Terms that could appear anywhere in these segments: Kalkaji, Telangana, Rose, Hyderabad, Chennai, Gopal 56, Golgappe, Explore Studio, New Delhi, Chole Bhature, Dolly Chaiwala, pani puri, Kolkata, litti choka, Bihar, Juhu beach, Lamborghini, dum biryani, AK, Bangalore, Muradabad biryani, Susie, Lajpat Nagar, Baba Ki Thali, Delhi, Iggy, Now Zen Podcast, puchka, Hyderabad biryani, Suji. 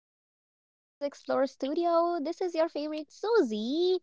podcast, which is Explore Studio. This is your favorite Susie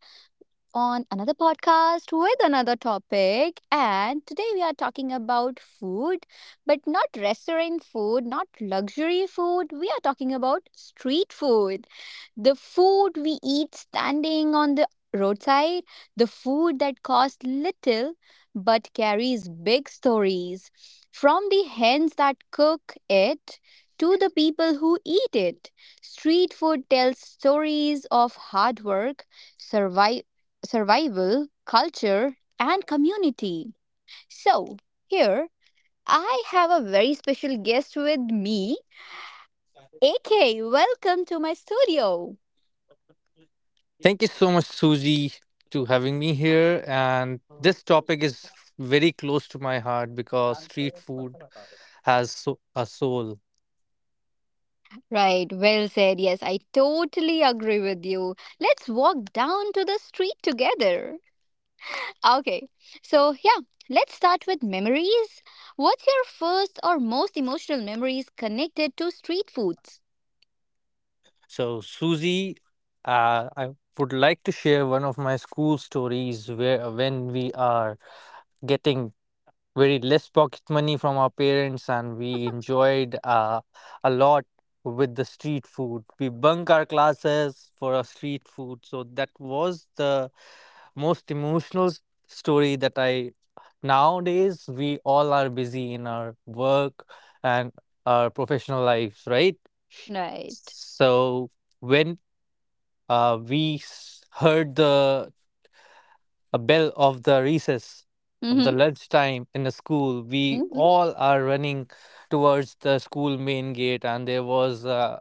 on another podcast with another topic. And today we are talking about food, but not restaurant food, not luxury food. We are talking about street food. The food we eat standing on the roadside, the food that costs little but carries big stories. From the hens that cook it, to the people who eat it. Street food tells stories of hard work, survival survival, culture, and community. So, here I have a very special guest with me, AK. Welcome to my studio. Thank you so much, Suji, to having me here. And this topic is very close to my heart because street food has a soul. Right, well said. Yes, I totally agree with you. Let's walk down to the street together. Okay, so yeah, let's start with memories. What's your first or most emotional memories connected to street foods? Suji, I would like to share one of my school stories where when we are getting very less pocket money from our parents, and we enjoyed a lot with the street food. We bunk our classes for our street food, so that was the most emotional story that I Nowadays we all are busy in our work and our professional lives, right? Right. So when heard the a bell of the recess of Mm-hmm. the lunchtime in the school, we Mm-hmm. all are running towards the school main gate. And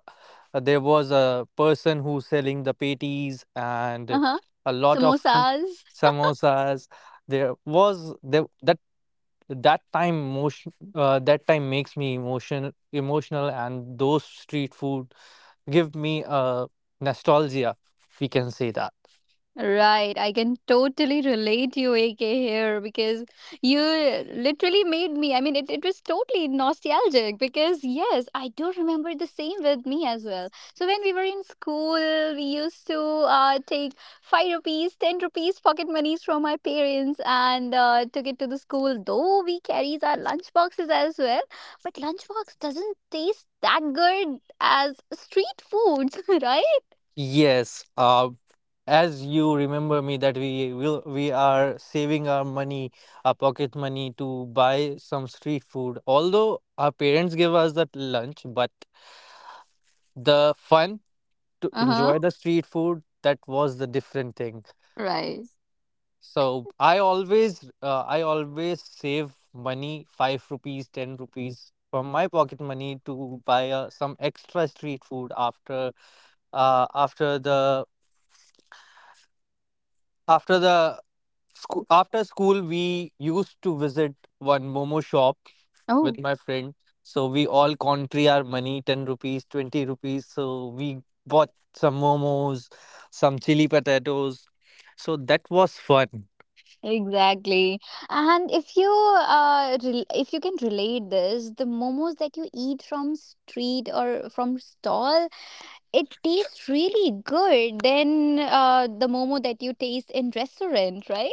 there was a person who's selling the patties and Uh-huh. a lot of fo- Samosas. samosas. That that time motion that time makes me emotional, and those street food give me a nostalgia, we can say that. Right, I can totally relate you, AK, here because you literally made me. I mean, it was totally nostalgic because, yes, I do remember the same with me as well. So, when we were in school, we used to take 5 rupees, 10 rupees pocket monies from my parents and took it to the school, though we carries our lunch boxes as well. But lunchbox doesn't taste that good as street food, right? Yes, as you remember me that we are saving our money, our pocket money, to buy some street food. Although our parents give us that lunch, but the fun to Uh huh, enjoy the street food, that was the different thing. right. So I always save money, five rupees, ten rupees from my pocket money to buy some extra street food after after the After the school. After school, we used to visit one momo shop with Oh. my friend. So we all country our money, 10 rupees, 20 rupees. So we bought some momos, some chili potatoes. So that was fun. Exactly. And if you can relate this, the momos that you eat from street or from stall, it tastes really good than the momo that you taste in restaurant, right?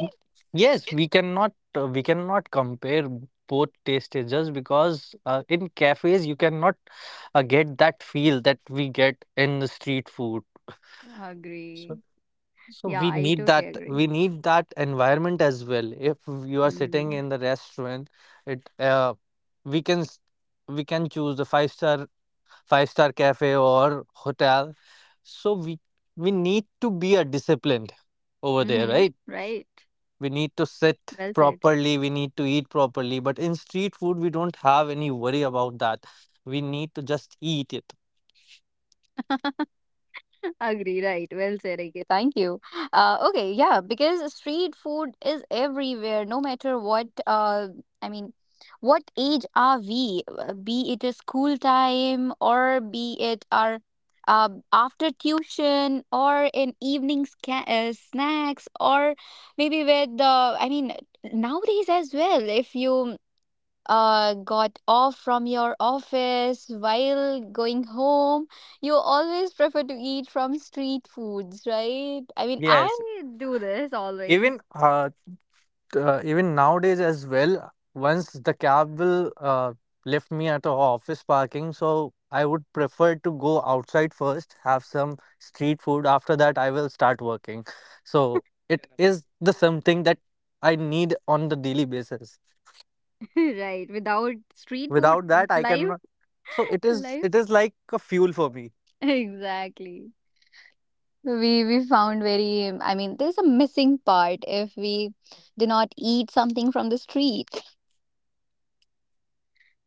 Yes, we cannot compare both tastes just because in cafes you cannot get that feel that we get in the street food. So Agree. So Yeah, I totally agree. we need that environment as well. If you are sitting Mm-hmm. in the restaurant, it we can s- we can choose the five-star cafe or hotel. So we need to be a disciplined over there, Mm-hmm. right? Right. We need to sit Well said. properly. We need to eat properly. But in street food, we don't have any worry about that. We need to just eat it. Agree, right. Well said, Ike. Thank you. Okay, yeah, because street food is everywhere, no matter what, I mean, what age are we, be it a school time or be it our after tuition or an evening snacks or maybe I mean, nowadays as well, if you got off from your office while going home, you always prefer to eat from street foods, right? I mean, Yes, I do this even always, uh, even nowadays as well. Once the cab will left me at a office parking, so I would prefer to go outside first, have some street food. After that, I will start working. So it is the something that I need on the daily basis. right? Without street food, Without that, I life, cannot. So life, it is like a fuel for me. exactly. We found very. I mean, there's a missing part if we do not eat something from the street.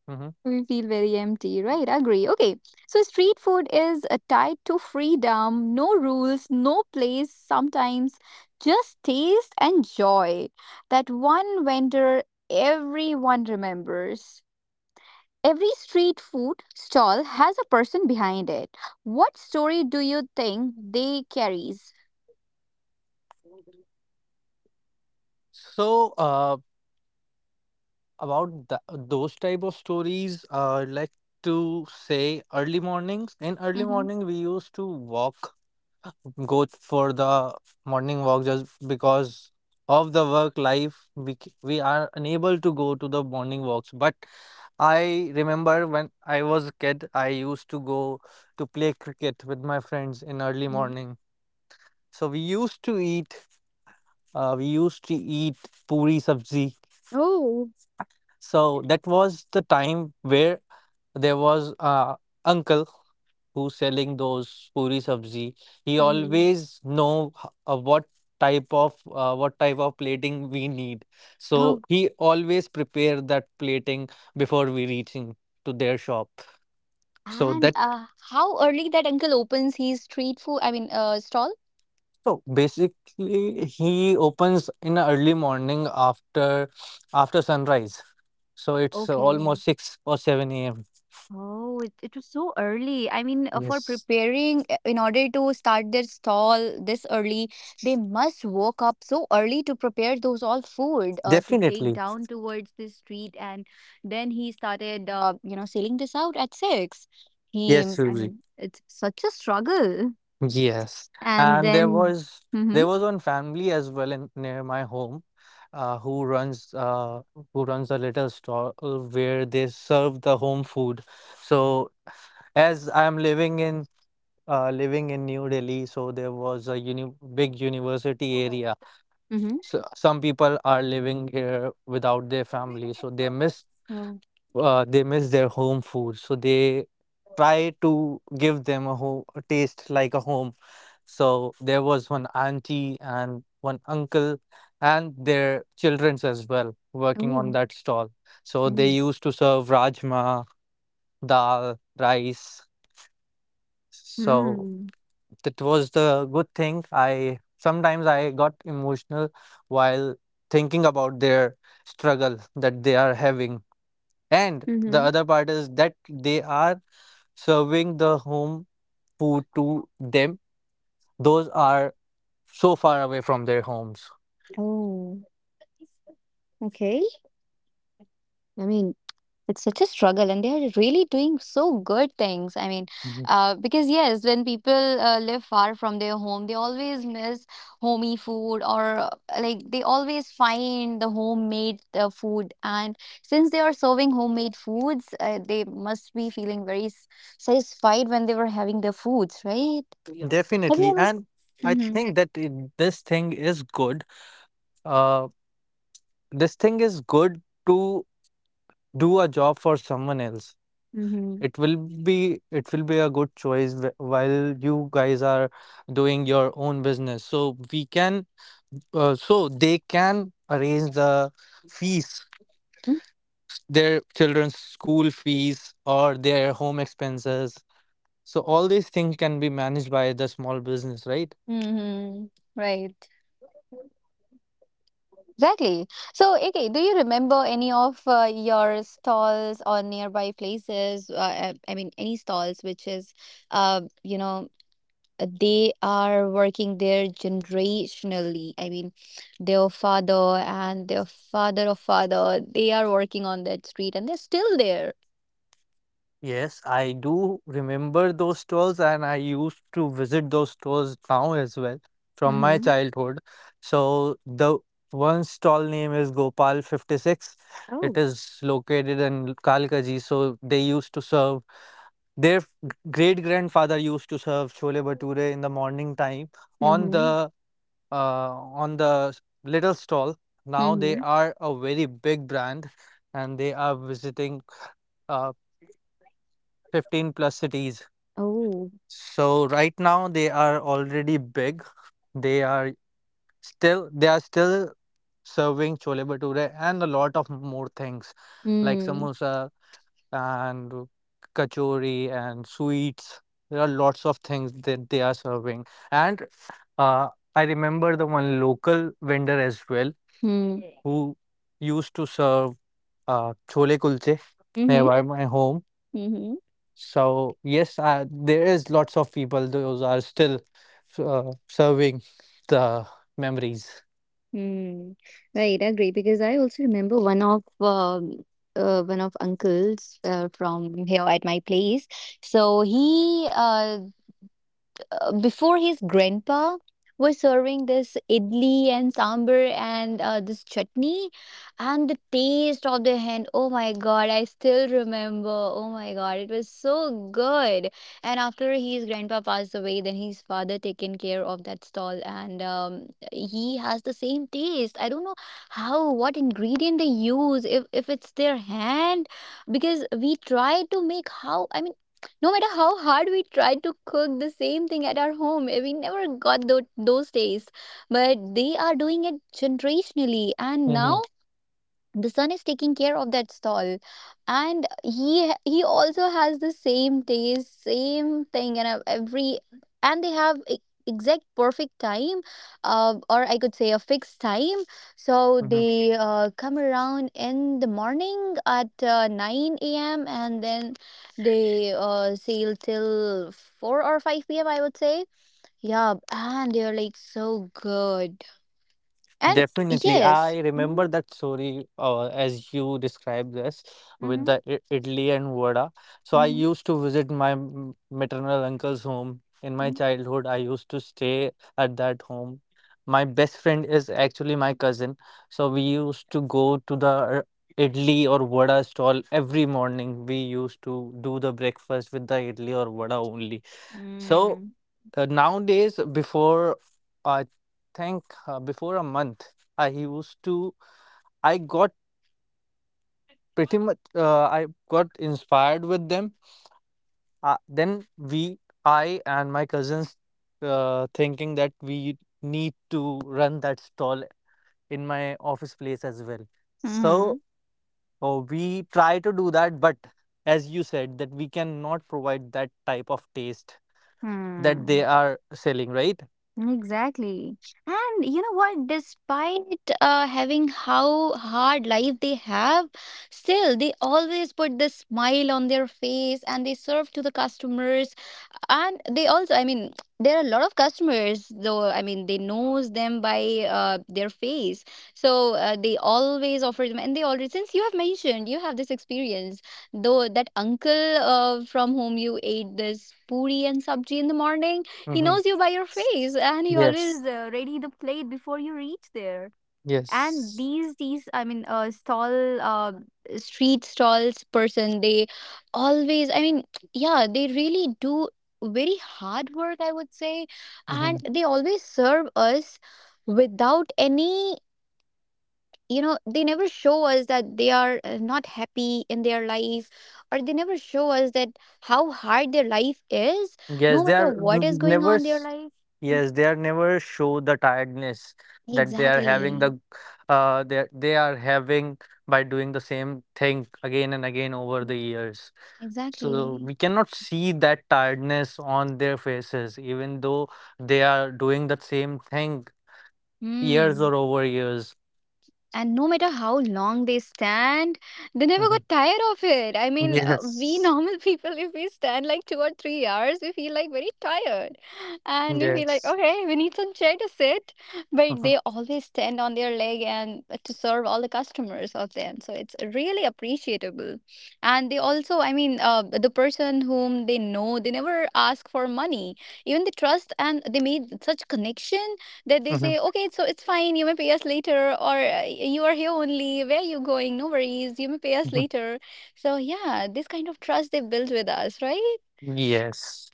hmm We feel very empty, right? Agree. Okay. So, street food is tied to freedom, no rules, no place, sometimes just taste and joy. That one vendor everyone remembers. Every street food stall has a person behind it. What story do you think they carries? So uh, about th those type of stories, I'd like to say early mornings. In early Mm-hmm. morning, we used to walk go for the morning walk. Just because of the work life, we are unable to go to the morning walks. But I remember when I was a kid, I used to go to play cricket with my friends in early Mm-hmm. morning. So we used to eat puri sabzi. Oh. So that was the time where there was a uncle who's selling those puri sabzi. He Mm-hmm. always know h- what type of plating we need. So Oh. he always prepare that plating before we reaching to their shop. So And that how early that uncle opens his street food? I mean, stall. so basically he opens in a early morning after sunrise. So it's almost Okay. 6 or 7 a.m. Oh, it was so early. I mean, for Yes, preparing in order to start their stall this early, they must woke up so early to prepare those all food to take definitely. down towards the street. And then he started, selling this out at six. He, Yes, I Suji. mean, it's such a struggle. Yes, And and then, mm-hmm, there was one family as well in near my home, uh, who runs uh, who runs a little stall where they serve the home food. So, as I'm living in living in New Delhi, so there was a uni big university area. mm-hmm. So some people are living here without their family, so Oh, they miss their home food, so they try to give them a home a taste like a home. So there was one auntie and one uncle and their childrens as well working oh, on that's that stall. So they nice. used to serve rajma, dal, rice. So Mm. that was the good thing. I got emotional while thinking about their struggle that they are having, and the Mm-hmm. other part is that they are serving the home food to them. Those are so far away from their homes. Oh, okay. I mean. It's such a struggle, and they are really doing so good things. I mean, Mhm. Because yes, when people live far from their home, they always miss homey food, or like they always find the homemade food. And since they are serving homemade foods, they must be feeling very satisfied when they were having their foods, right? Have you Definitely. ever? And I Mm-hmm. think that it, this thing is good. Uh, this thing is good to do a job for someone else. Mm-hmm. It will it will be a good choice while you guys are doing your own business. So we can so they can arrange the fees their children's school fees or their home expenses. So all these things can be managed by the small business, right? Mm-hmm. Right. Exactly. So, okay, do you remember any of your stalls or nearby places? I mean, any stalls which is, you know, they are working there generationally. I mean, their father and their father of father, they are working on that street and they're still there. Yes, I do remember those stores, and I used to visit those stores now as well from my Mm-hmm. childhood. So the one stall name is Gopal 56. It Oh. is located in Kalkaji. So they used to serve their great grandfather used to serve chole bhature in the morning time on Mm-hmm. the uh, on the little stall. Now they Mm-hmm. are a very big brand, and they are visiting uh, 15 plus cities. Oh. So right now they are already big. They are they are still serving chole bhature and a lot of more things like Mm. samosa and kachori and sweets. There are lots of things that they are serving. And uh, I remember the one local vendor as well Mm. eh, who used to serve chole kulche Mm-hmm. nearby my home. Mm-hmm. So yes, there is lots of people those are still uh, serving the memories. Hmm. Right, agree. Because I also remember one of uncles from here at my place. So he before his grandpa was serving this idli and sambar and this chutney and the taste of the hand, oh my god, I still remember, oh my god, it was so good. And after his grandpa passed away, then his father taken care of that stall, and he has the same taste. I don't know how, what ingredient they use, if it's their hand, because we try to make. How, I mean, no matter how hard we tried to cook the same thing at our home, we never got those tastes. But they are doing it generationally, and Hmm. now the son is taking care of that stall, and he also has the same taste, same thing, and every, and they have exact perfect time, or I could say a fixed time. So they come around in the morning at 9 a.m, and then they sail till 4 or 5 p.m, I would say. Yeah, and they're like so good. And Definitely. yes, I mm-hmm, remember that story as you described this with mm-hmm, the idli and vada. So I mm-hmm, used to visit my maternal uncle's home in my childhood. I used to stay at that home. My best friend is actually my cousin. So we used to go to the idli or vada stall every morning. We used to do the breakfast with the idli or vada only. So Mm. Nowadays, I before a month, I used to, I got pretty much, I got inspired with them. Uh, then we, I and my cousins, thinking that we need to run that stall in my office place as well. So Mm. We try to do that, but as you said, that we cannot provide that type of taste that they Mm. are selling, right? Exactly. And you know what? Despite having how hard life they have, still they always put the smile on their face and they serve to the customers. And they also, I mean, there are a lot of customers, though, I mean, they knows them by their face. So they always offer them, and they already, since you have mentioned you have this experience, though that uncle from whom you ate this puri and sabji in the morning, he Mm-hmm. knows you by your face, and he Yes. always ready the plate before you reach there. And Yes. these I mean stall street stalls person, they always, I mean, yeah, they really do very hard work, I would say. Hmm. And they always serve us without any, you know, they never show us that they are not happy in their life, or they never show us that how hard their life is, Yes, no they matter are what is n- going never. on in their S- life. Mhm. Yes, they are never show the tiredness that they are having exactly they are having by doing the same thing again and again over the years. So exactly we cannot see that tiredness on their faces, even though they are doing the same thing years Hmm. or over years. And no matter how long they stand, they never Mhm. got tired of it. I mean, we Yes. normal people, if we stand like 2 or 3 hours, we feel like very tired. And we feel like, Yes. okay, we need some chair to sit. But Mhm, they always stand on their leg and to serve all the customers of them. So it's really appreciable. And they also, I mean, the person whom they know, they never ask for money. Even they trust, and they made such connection that they mhm, say, okay, so it's fine, you may pay us later, or you are here only, where are you going, no worries, you may pay us mhm. later. So yeah, this kind of trust they build with us, right? Yes.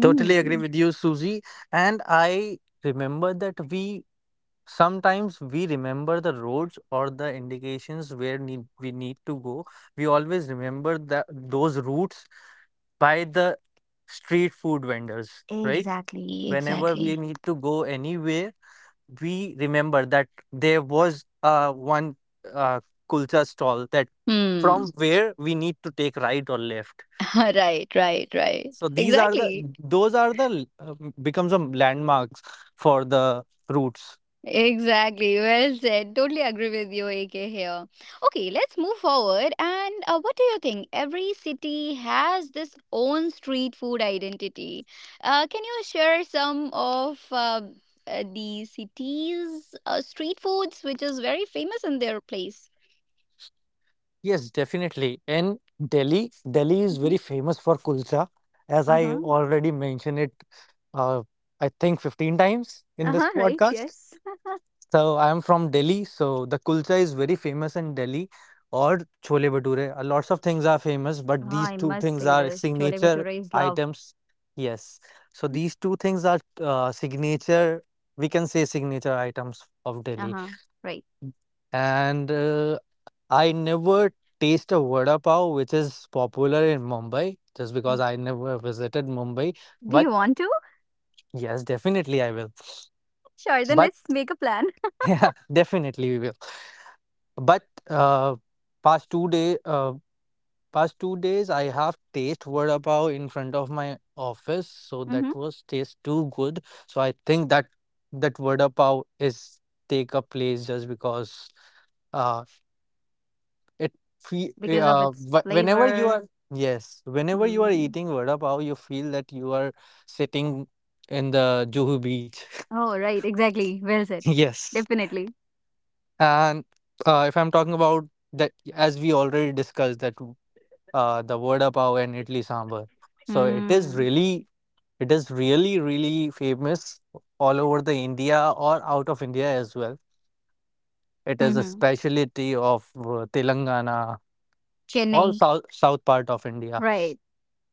Totally agree with you, Susie. And I remember that we remember the roads or the indications we need to go. We always remember that those routes by the street food vendors, right? Exactly. Whenever we exactly need to go anywhere, we remember that there was one uh, kulcha stall that hmm from where we need to take right or left. right right right So these are the exactly those are the uh, becomes a landmarks for the routes. Exactly. Well said. Totally agree with you, AK here. Okay, let's move forward. And what do you think? Every city has this own street food identity. Can you share some of the city's street foods, which is very famous in their place? Yes, definitely. And Delhi is Mm-hmm. very famous for kulcha, as I Uh-huh. already mentioned it, uh, I think 15 times in this Uh-huh, right, podcast. yes. So I'm from Delhi, so the kulcha is very famous in Delhi or chole bhature. A lots of things are famous, but Ah, these I two must things say are this. Chole signature Bhature is love. items. Yes. So these two things are we can say signature items of Delhi. Uh-huh, right. And I never taste a vada pav, which is popular in Mumbai, just because Oh. I never visited Mumbai. Do But you want to? yes, definitely I will. Sure, then But let's make a plan. yeah, definitely we will. But uh, past two day, uh, past 2 days, I have taste vada pav in front of my office, so Mm-hmm. that was taste too good. So I think that that vada pav is take a place just because uh, it fe- eh, because of its wh- whenever you flavor. are yes, whenever you are Mm. eating vada pav, you feel that you are sitting in the Juhu beach. Oh, right, exactly. Well said. yes, Definitely. and if I'm talking about that, as we already discussed that, the vada pav and idli sambar. So Mm. It is really, really famous all over the India or out of India as well. It is a Mm-hmm. specialty of Telangana, all Chennai. South part of India. Right.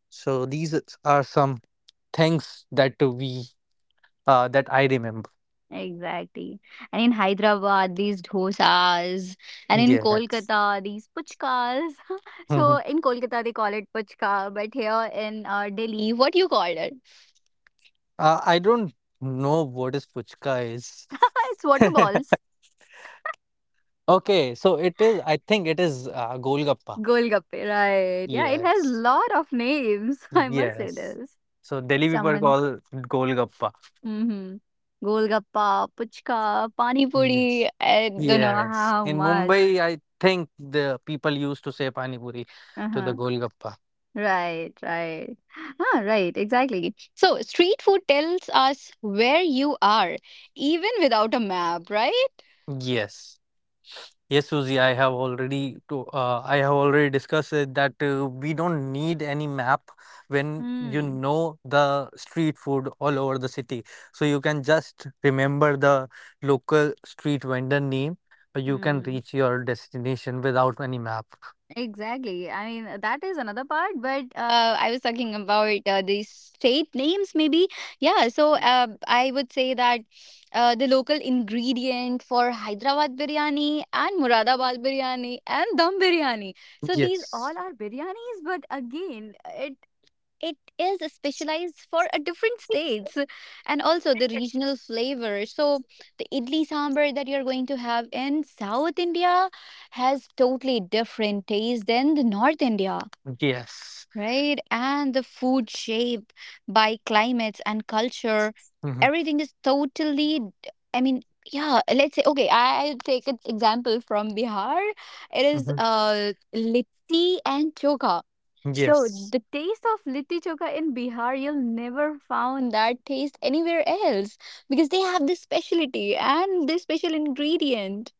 So these are some things that we that I remember. Exactly. And in Hyderabad, these dosas. And in Yes. Kolkata, these puchkas. so Mhm. in Kolkata, they call it puchka. But here in Delhi, what do you call it? I don't know what is puchka is. it's water balls. Okay, so it is. I think it is Golgappa. Golgappe. Right. Yeah, it has Yes. lot of names. I must say Yes. this. So Delhi people Someone call Golgappa. Hmm, hmm. Golgappa, puchka, pani puri. Yes. I don't know Yes. how In much. Mumbai, I think the people used to say Pani Puri to the Uh-huh. Golgappa. Right, right. Ah, right, exactly. So, street food tells us where you are, even without a map, right? Yes. Yes, Suzy, I have already discussed it that we don't need any map when you Mm, know the street food all over the city. So you can just remember the local street vendor name, or you can mm. reach your destination without any map. Exactly. I mean, that is another part, but I was talking about these state names, maybe. Yeah, so I would say that the local ingredient for Hyderabad biryani and Muradabad biryani and dum biryani. So these all Yes. are biryanis, but again, it is specialized for a different states, and also the regional flavor. So the idli sambar that you're going to have in south india has totally different taste than the north india, Yes. right? And the food shape by climates and culture, Mhm, everything is totally. I mean, yeah. Let's say okay. I'll take an example from Bihar. It is mhm. Litti and choka. So Yes. the taste of litti choka in Bihar, you'll never found that taste anywhere else because they have this specialty and this special ingredient.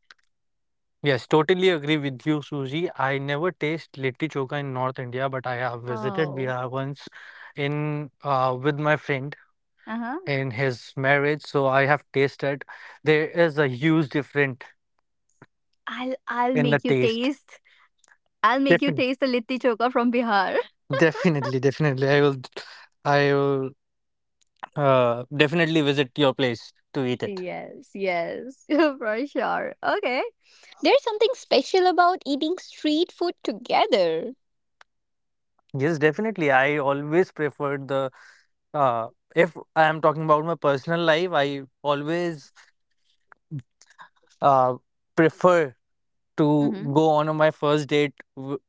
Yes, totally agree with you, Suji. I never taste litti choka in North India, but I have visited Oh, Bihar once in with my friend uh huh. in his marriage, so I have tasted. There is a huge difference I'll in the make you taste. taste. I'll make you Defin taste the litti choka from Bihar. Definitely, definitely. I will definitely visit your place to eat it. Yes, yes, for sure. Okay. There's something special about eating street food together. Yes, definitely. I always preferred the Uh, if I am talking about my personal life, I always uh, prefer to Hmm go on my first date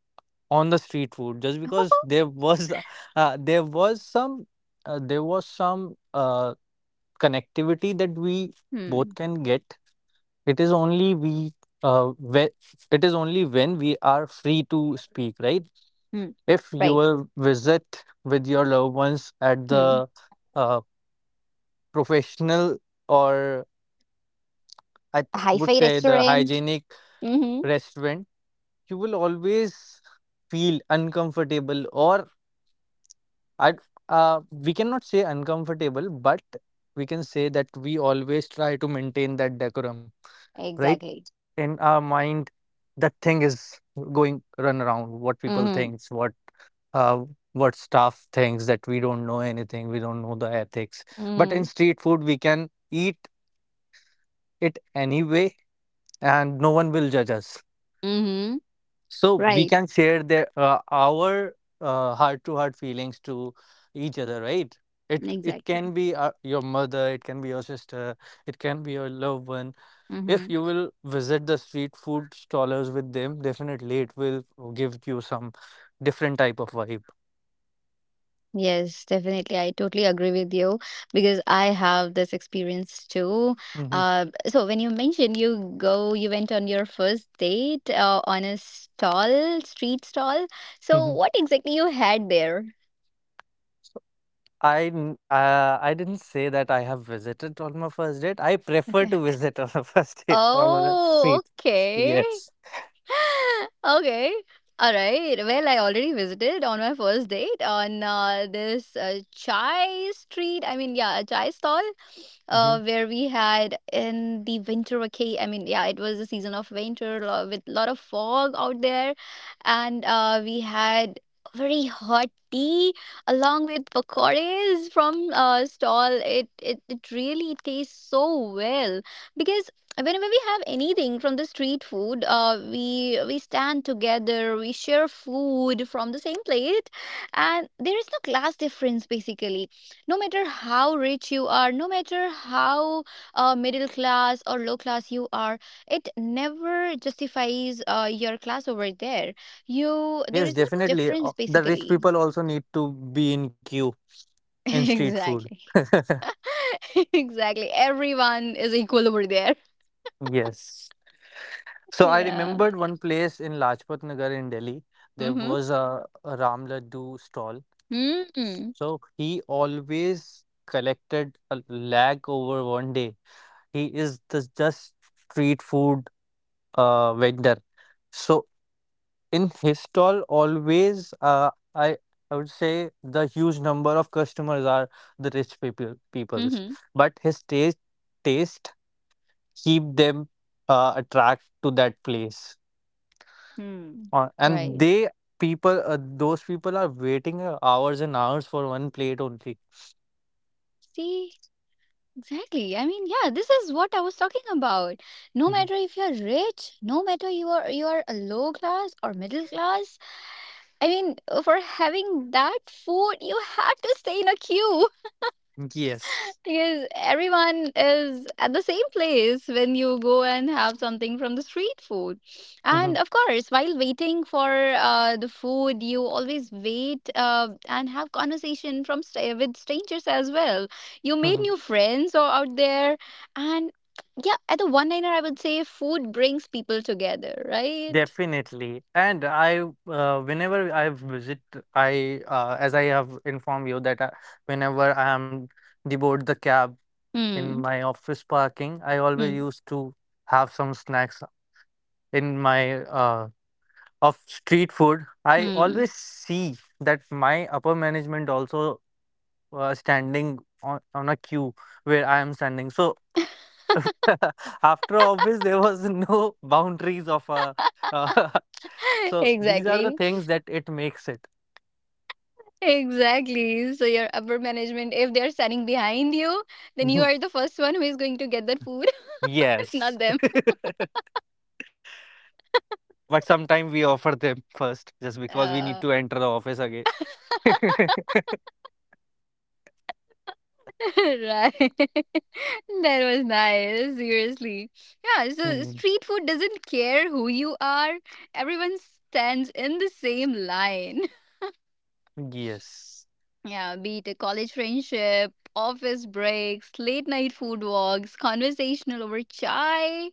on the street food just because there was uh, there was some there was some connectivity that we both Hmm. can get. It is only we when it is only when we are free to speak, right? Hmm. If you Right. will visit with your loved ones at Hmm. the uh, professional, or I A hi would fi say the restaurant. hygienic Mm-hmm. restaurant, you will always feel uncomfortable, or I we cannot say uncomfortable, but we can say that we always try to maintain that decorum, right? Exactly. In our mind, that thing is going run around what people Mm-hmm. thinks, uh, what staff thinks, that we don't know anything, we don't know the ethics. But in Mm-hmm. street food, we can eat it anyway, and no one will judge us. Mm-hmm. So we Right. can share the our heart-to-heart feelings to each other, right? It Exactly. can be your mother, it can be your sister, it can be your loved one. If Mm-hmm. you will visit the street food stallers with them, definitely it will give you some different type of vibe. Yes, definitely. I totally agree with you because I have this experience too. Hmm. So when you mentioned you went on your first date on a stall, street stall. So Hmm. what exactly you had there? So I didn't say that I have visited on my first date. I prefer to Okay. visit on a first date on a Oh, street. okay. Yes. okay. All right. Well, I already visited on my first date on this chai street. I mean, yeah, a chai stall Mm-hmm. Where we had in the winter vacation. I mean, yeah, it was the season of with a lot of fog out there. And we had very hot tea along with pakoras from stall. It really tastes so well because whenever we have anything from the street food, we stand together, we share food from the same plate, and there is no class difference basically. No matter how rich you are, no matter how middle class or low class you are, it never justifies your class over there. You, there Yes, is no definitely. Difference The rich basically. people also need to be in queue in street food. exactly. exactly, everyone is equal over there. Yes. So I Yeah, remembered one place in Lajpat Nagar in Delhi. There mm-hmm, was a Ram Laddu stall. mm-hmm, So he always collected a lakh over one day. He is the just street food vendor. So in his stall, always I would say the huge number of customers are the rich people peoples, mm-hmm. but his taste keep them attract to that place, Hmm. And Right. they people, those people are waiting hours and hours for one plate only. See, exactly. I mean, yeah, this is what I was talking about. No Mhm. matter if you're rich, no matter you are a low class or middle class, I mean, for having that food, you have to stay in a queue. Yes. Because everyone is at the same place when you go and have something from the street food. And Mhm. of course, while waiting for the food, you always wait, and have conversation with strangers as well. You made new friends or out there. And yeah, at the one liner, I would say food brings people together, right? Definitely. Whenever I visit, as I have informed you that whenever I am deboard the cab in Hmm. my office parking, I always Hmm. used to have some snacks in my, of street food. I Hmm. always see that my upper management also standing on a queue where I am standing. So after office, there was no boundaries of uh, so these are the Exactly. things that it makes it. Exactly. So your upper management, if they're standing behind you, then you are the first one who is going to get that food, Yes. not them. But sometimes we offer them first just because we need Uh, to enter the office again. right. that was nice. Seriously. Yeah. So Mm. street food doesn't care who you are. Everyone stands in the same line. Yes, Yeah, be it a college friendship, office breaks, late night food walks, conversational over chai.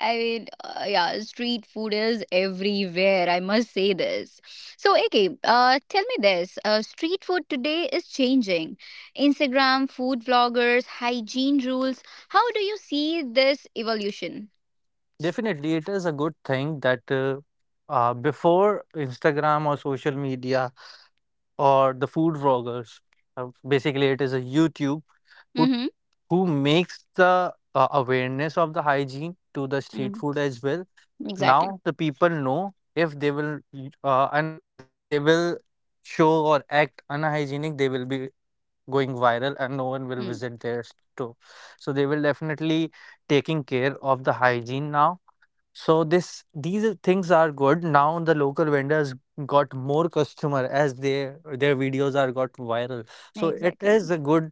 I mean, yeah, street food is everywhere. I must say this. So, AK, tell me this. Street food today is changing. Instagram, food vloggers, hygiene rules. How do you see this evolution? definitely. It is a good thing that before Instagram or social media, or the food vloggers. Basically, it is a YouTube who Mm-hmm. who makes the awareness of the hygiene to the street Mm, food as well. exactly. Now the people know if they will show or act unhygienic, they will be going viral and no one will Mm, visit their store. So they will definitely taking care of the hygiene now, so this these are- things are good. Now the local vendors got more customer as their videos are got viral. So it is exactly. a good,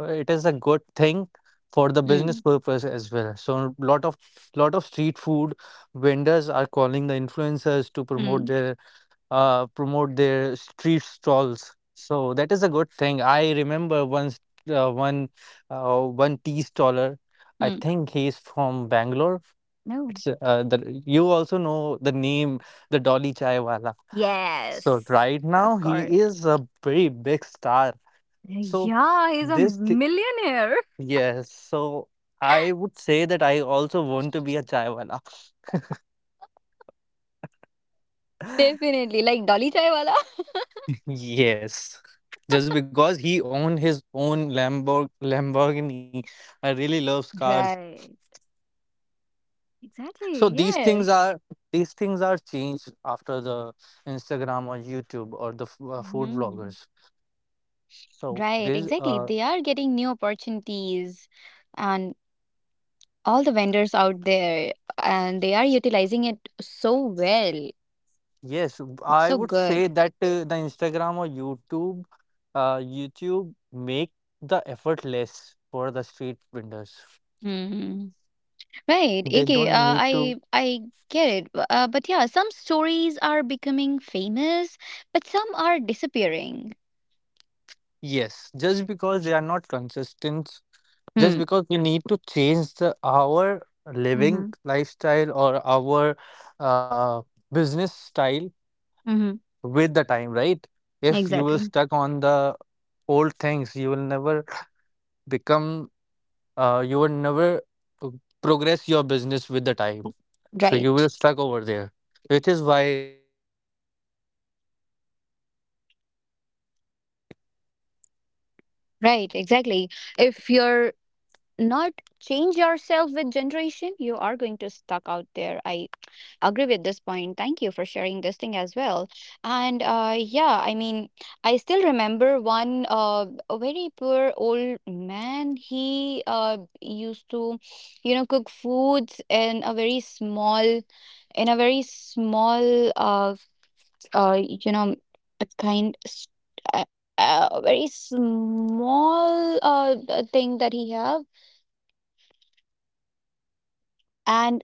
it is a good thing for the business Mm, purpose as well. So lot of street food vendors are calling the influencers to mm, promote their street stalls. So that is a good thing. I remember once uh, one one tea staller. I mm. think he's from Bangalore. No. It's the You also know the name, the Dolly Chaiwala. So Yes, right of now course. he is a very big star. So Yeah, he's a this thi- millionaire. yes. So I would say that I also want to be a chaiwala. Definitely, like Dolly Chaiwala. Yes. Just because he owned his own Lamborghini. I really love cars. Right. So Exactly. Yes. these things Yes. are these things are changed after the Instagram or YouTube or the food Mhm. vloggers. So Right, this exactly. They are getting new opportunities and all the vendors out there, and they are utilizing it so well. yes, It's I so would say good. that the Instagram or YouTube make the effort less for the street vendors. Hmm. Right. They Okay. Uh, don't need I to. I get it. But yeah, some stories are becoming famous, but some are disappearing. Yes, just because they are not consistent, just Hmm. because we need to change the our Mm-hmm. living lifestyle or our uh, business style Mm-hmm. with the time, right? If you will Exactly. stuck on the old things, you will never become you will never p- progress your business with the time. So you Right, will stuck over there, which is why right, exactly. If you're not change yourself with generation, you are going to stuck out there. I agree with this point. Thank you for sharing this thing as well. And yeah, I mean, I still remember one a very poor old man. He used to, you know, cook foods in a very small, in a very small, you know, a kind, s- a, a very small thing that he have, and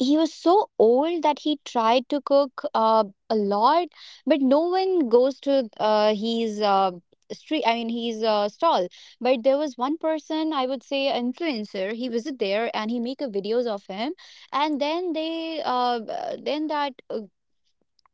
he was so old that he tried to cook a lot, but no one goes to his street. I mean, his stall. But there was one person, I would say, influencer. He visit there and he make a videos of him, and then then that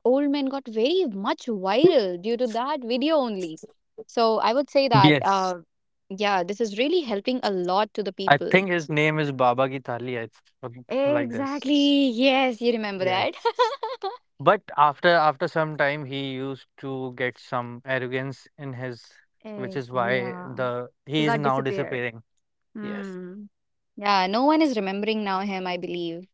Old Men got very much viral due to that video only. So I would say that, Yes, yeah, this is really helping a lot to the I people. think his name is Baba Ki Thali. Like this. Exactly. Yes, you remember that. Yes, but after some time, he used to get some arrogance in his, which Eh, is why yeah. the He he is got now disappeared. disappearing. Yes, Hmm. Yeah, no one is remembering now him, I believe.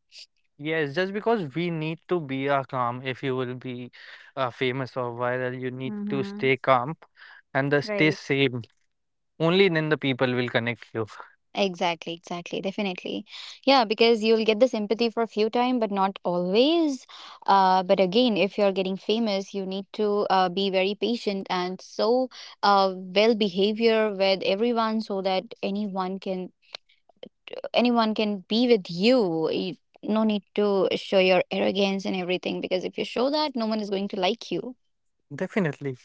yes, just because we need to be calm. If you will be famous or viral, you need to Mm-hmm. stay calm and the stay Right. same. Only then the people will connect you. Exactly, exactly, definitely. Yeah, because you'll get the sympathy for a few time, but not always. But again, if you're getting famous, you need to be very patient and so, well behavior with everyone so that anyone can be with you. You no need to show your arrogance and everything because if you show that, no one is going to like you. Definitely,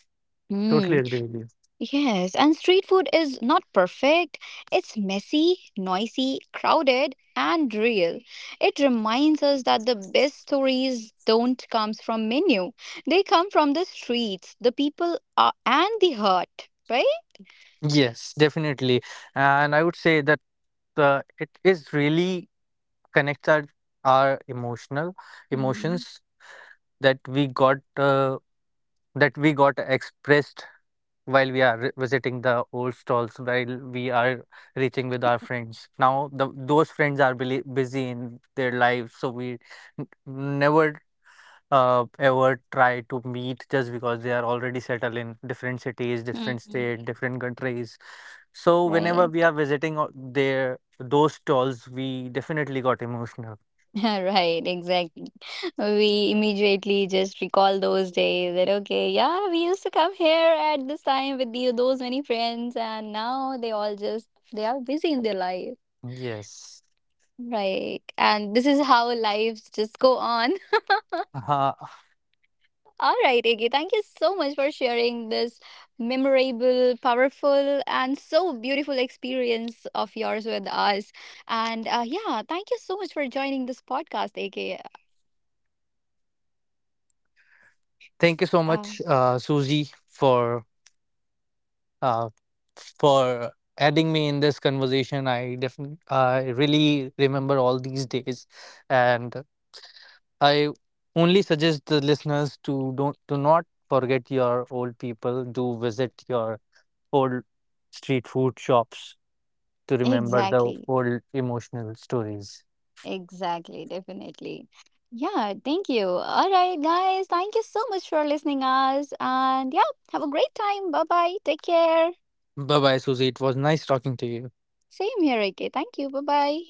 Hmm. totally agree with you. Yes, and street food is not perfect. It's messy, noisy, crowded, and real. It reminds us that the best stories don't come from menu. They come from the streets, the people, and the heart, right? Yes, definitely. And I would say that it is really connects our emotional Mm-hmm. emotions that we got uh, that we got expressed while we are visiting the old stalls while we are reaching with our friends now those friends are busy in their lives so we never ever try to meet just because they are already settled in different cities, different state, different countries. So whenever Right. we are visiting their those stalls, we definitely got emotional. Right, exactly. We immediately just recall those days that, okay, yeah, we used to come here at this time with those many friends, and now they all just, they are busy in their life. Yes. Right. And this is how lives just go on. Uh, All right, Iggy, thank you so much for sharing this memorable, powerful, and so beautiful experience of yours with us. And yeah, thank you so much for joining this podcast, Iggy. Thank you Uh, so much, Suji, uh, for adding me in this conversation. I definitely I really remember all these days, and I only suggest the listeners to don't to not forget your old people. Do visit your old street food shops to remember the exactly. old emotional stories. Exactly. Definitely. Yeah, thank you. All right, guys, thank you so much for listening us. And yeah, have a great time. Bye bye. Take care. Bye bye, Susie. It was nice talking to you. Same here, Iggy. Thank you. Bye bye.